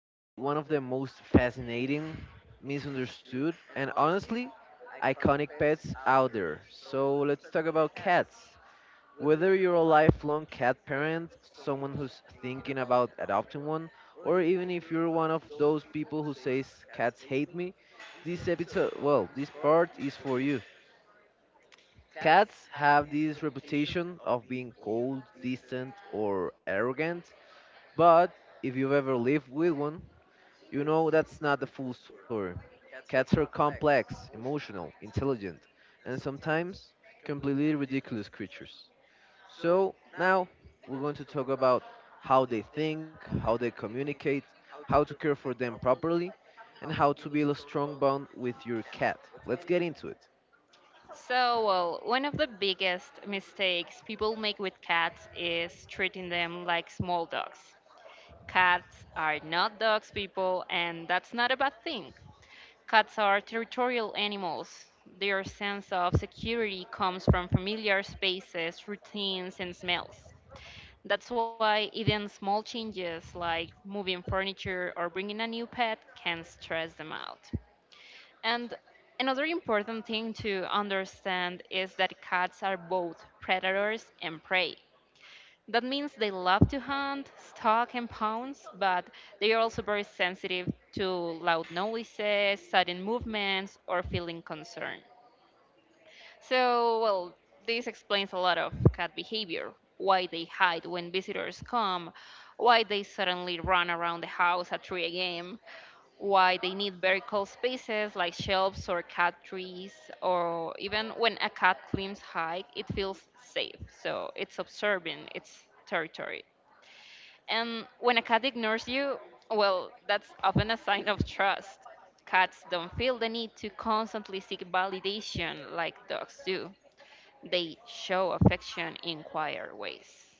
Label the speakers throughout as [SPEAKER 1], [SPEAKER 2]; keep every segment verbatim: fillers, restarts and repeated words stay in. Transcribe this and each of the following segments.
[SPEAKER 1] about one of the most fascinating, misunderstood, and honestly, iconic pets out there. So let's talk about cats. Whether you're a lifelong cat parent, someone who's thinking about adopting one, or even if you're one of those people who says cats hate me, this episode, well, this part is for you. Cats have this reputation of being cold, distant, or arrogant, but if you've ever lived with one, you know that's not the full story. Cats are complex, emotional, intelligent, and sometimes completely ridiculous creatures. So now we're going to talk about how they think, how they communicate, how to care for them properly, and how to build a strong bond with your cat. Let's get into it.
[SPEAKER 2] So, well, one of the biggest mistakes people make with cats is treating them like small dogs. Cats are not dogs, people, and that's not a bad thing. Cats are territorial animals. Their sense of security comes from familiar spaces, routines, and smells. That's why even small changes like moving furniture or bringing a new pet can stress them out. And another important thing to understand is that cats are both predators and prey. That means they love to hunt, stalk, and pounce, but they are also very sensitive to loud noises, sudden movements, or feeling concern. So, well, this explains a lot of cat behavior, why they hide when visitors come, why they suddenly run around the house at three a m, why they need vertical spaces like shelves or cat trees, or even when a cat climbs high, it feels safe. So it's observing its territory. And when a cat ignores you, well, that's often a sign of trust. Cats don't feel the need to constantly seek validation like dogs do. They show affection in quieter ways.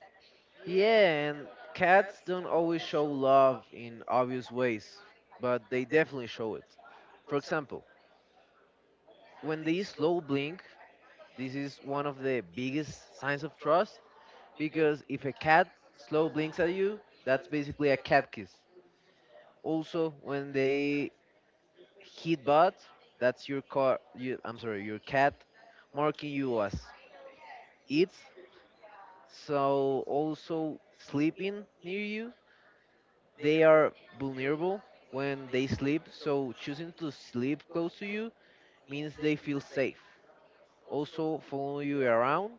[SPEAKER 1] Yeah, and cats don't always show love in obvious ways, but they definitely show it. For example, when they slow blink, this is one of the biggest signs of trust because if a cat slow blinks at you, that's basically a cat kiss. Also, when they hit butt, that's your car. You, I'm sorry, your cat marking you as it. So also sleeping near you, they are vulnerable when they sleep. So choosing to sleep close to you means they feel safe. Also, follow you around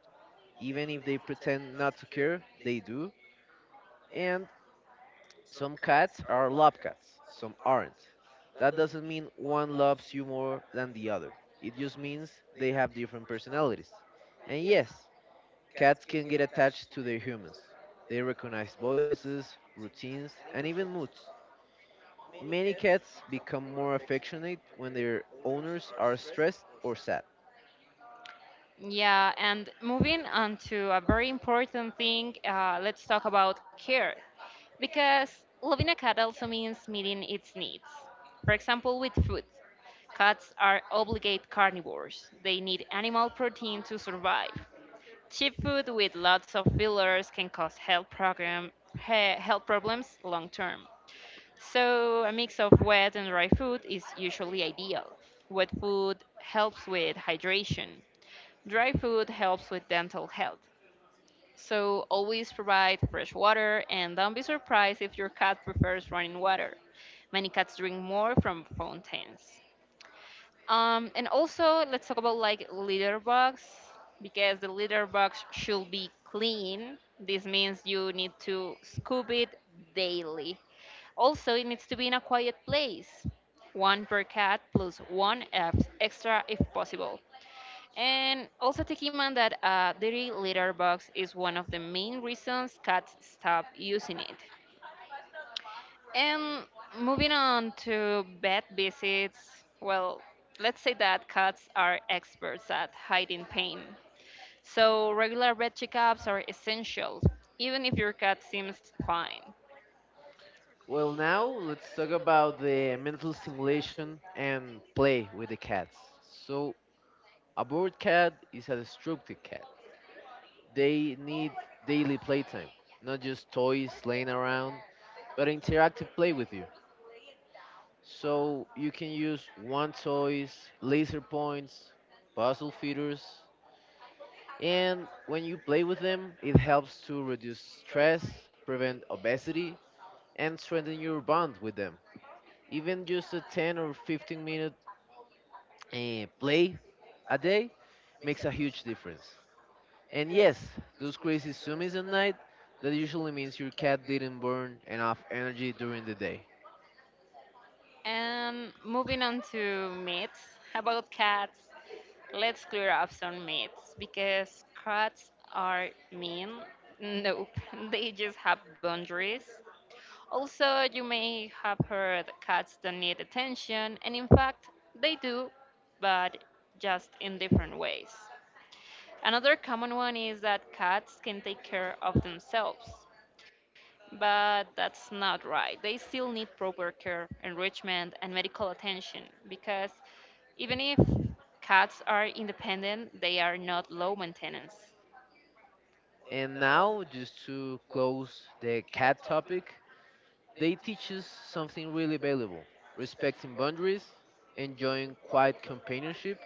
[SPEAKER 1] Even if they pretend not to care, they do. And some cats are love cats, some aren't. That doesn't mean one loves you more than the other. It just means they have different personalities. And yes, cats can get attached to their humans. They recognize voices, routines, and even moods. Many cats become more affectionate when their owners are stressed or sad.
[SPEAKER 2] Yeah, and moving on to a very important thing, uh, let's talk about care. Because loving a cat also means meeting its needs. For example, with food. Cats are obligate carnivores, they need animal protein to survive. Cheap food with lots of fillers can cause health, program, he- health problems long term. So, a mix of wet and dry food is usually ideal. Wet food helps with hydration, dry food helps with dental health, so always provide fresh water and don't be surprised if your cat prefers running water. Many cats drink more from fountains. Um, and also, let's talk about like litter box, because the litter box should be clean. This means you need to scoop it daily. Also, it needs to be in a quiet place, one per cat plus one ex- extra if possible. And also take in mind that a dirty litter box is one of the main reasons cats stop using it. And moving on to vet visits, well, let's say that cats are experts at hiding pain. So regular vet checkups are essential, even if your cat seems fine.
[SPEAKER 1] Well, now let's talk about the mental stimulation and play with the cats. So, a bored cat is a destructive cat. They need daily playtime, not just toys laying around, but interactive play with you. So, you can use one toys, laser points, puzzle feeders, and when you play with them, it helps to reduce stress, prevent obesity, and strengthen your bond with them even just a ten or fifteen minute eh, play a day makes a huge difference. And yes, those crazy zoomies at night, that usually means your cat didn't burn enough energy during the day.
[SPEAKER 2] And moving on to myths about cats. Let's clear up some myths. Because cats are mean? Nope, they just have boundaries. Also, you may have heard cats don't need attention, and in fact, they do, but just in different ways. Another common one is that cats can take care of themselves, but that's not right. They still need proper care, enrichment, and medical attention, because even if cats are independent, they are not low maintenance.
[SPEAKER 1] And now, just to close the cat topic, they teach us something really valuable respecting boundaries, enjoying quiet companionship,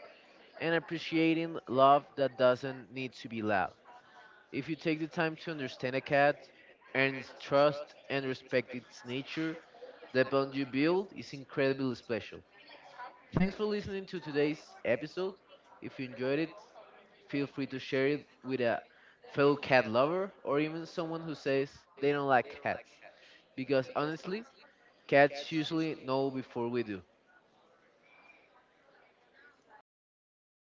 [SPEAKER 1] and appreciating love that doesn't need to be loud. If you take the time to understand a cat, earn its trust, and respect its nature, The bond you build is incredibly special. Thanks for listening to today's episode. If you enjoyed it, feel free to share it with a fellow cat lover or even someone who says they don't like cats. Because honestly, cats usually know before we do.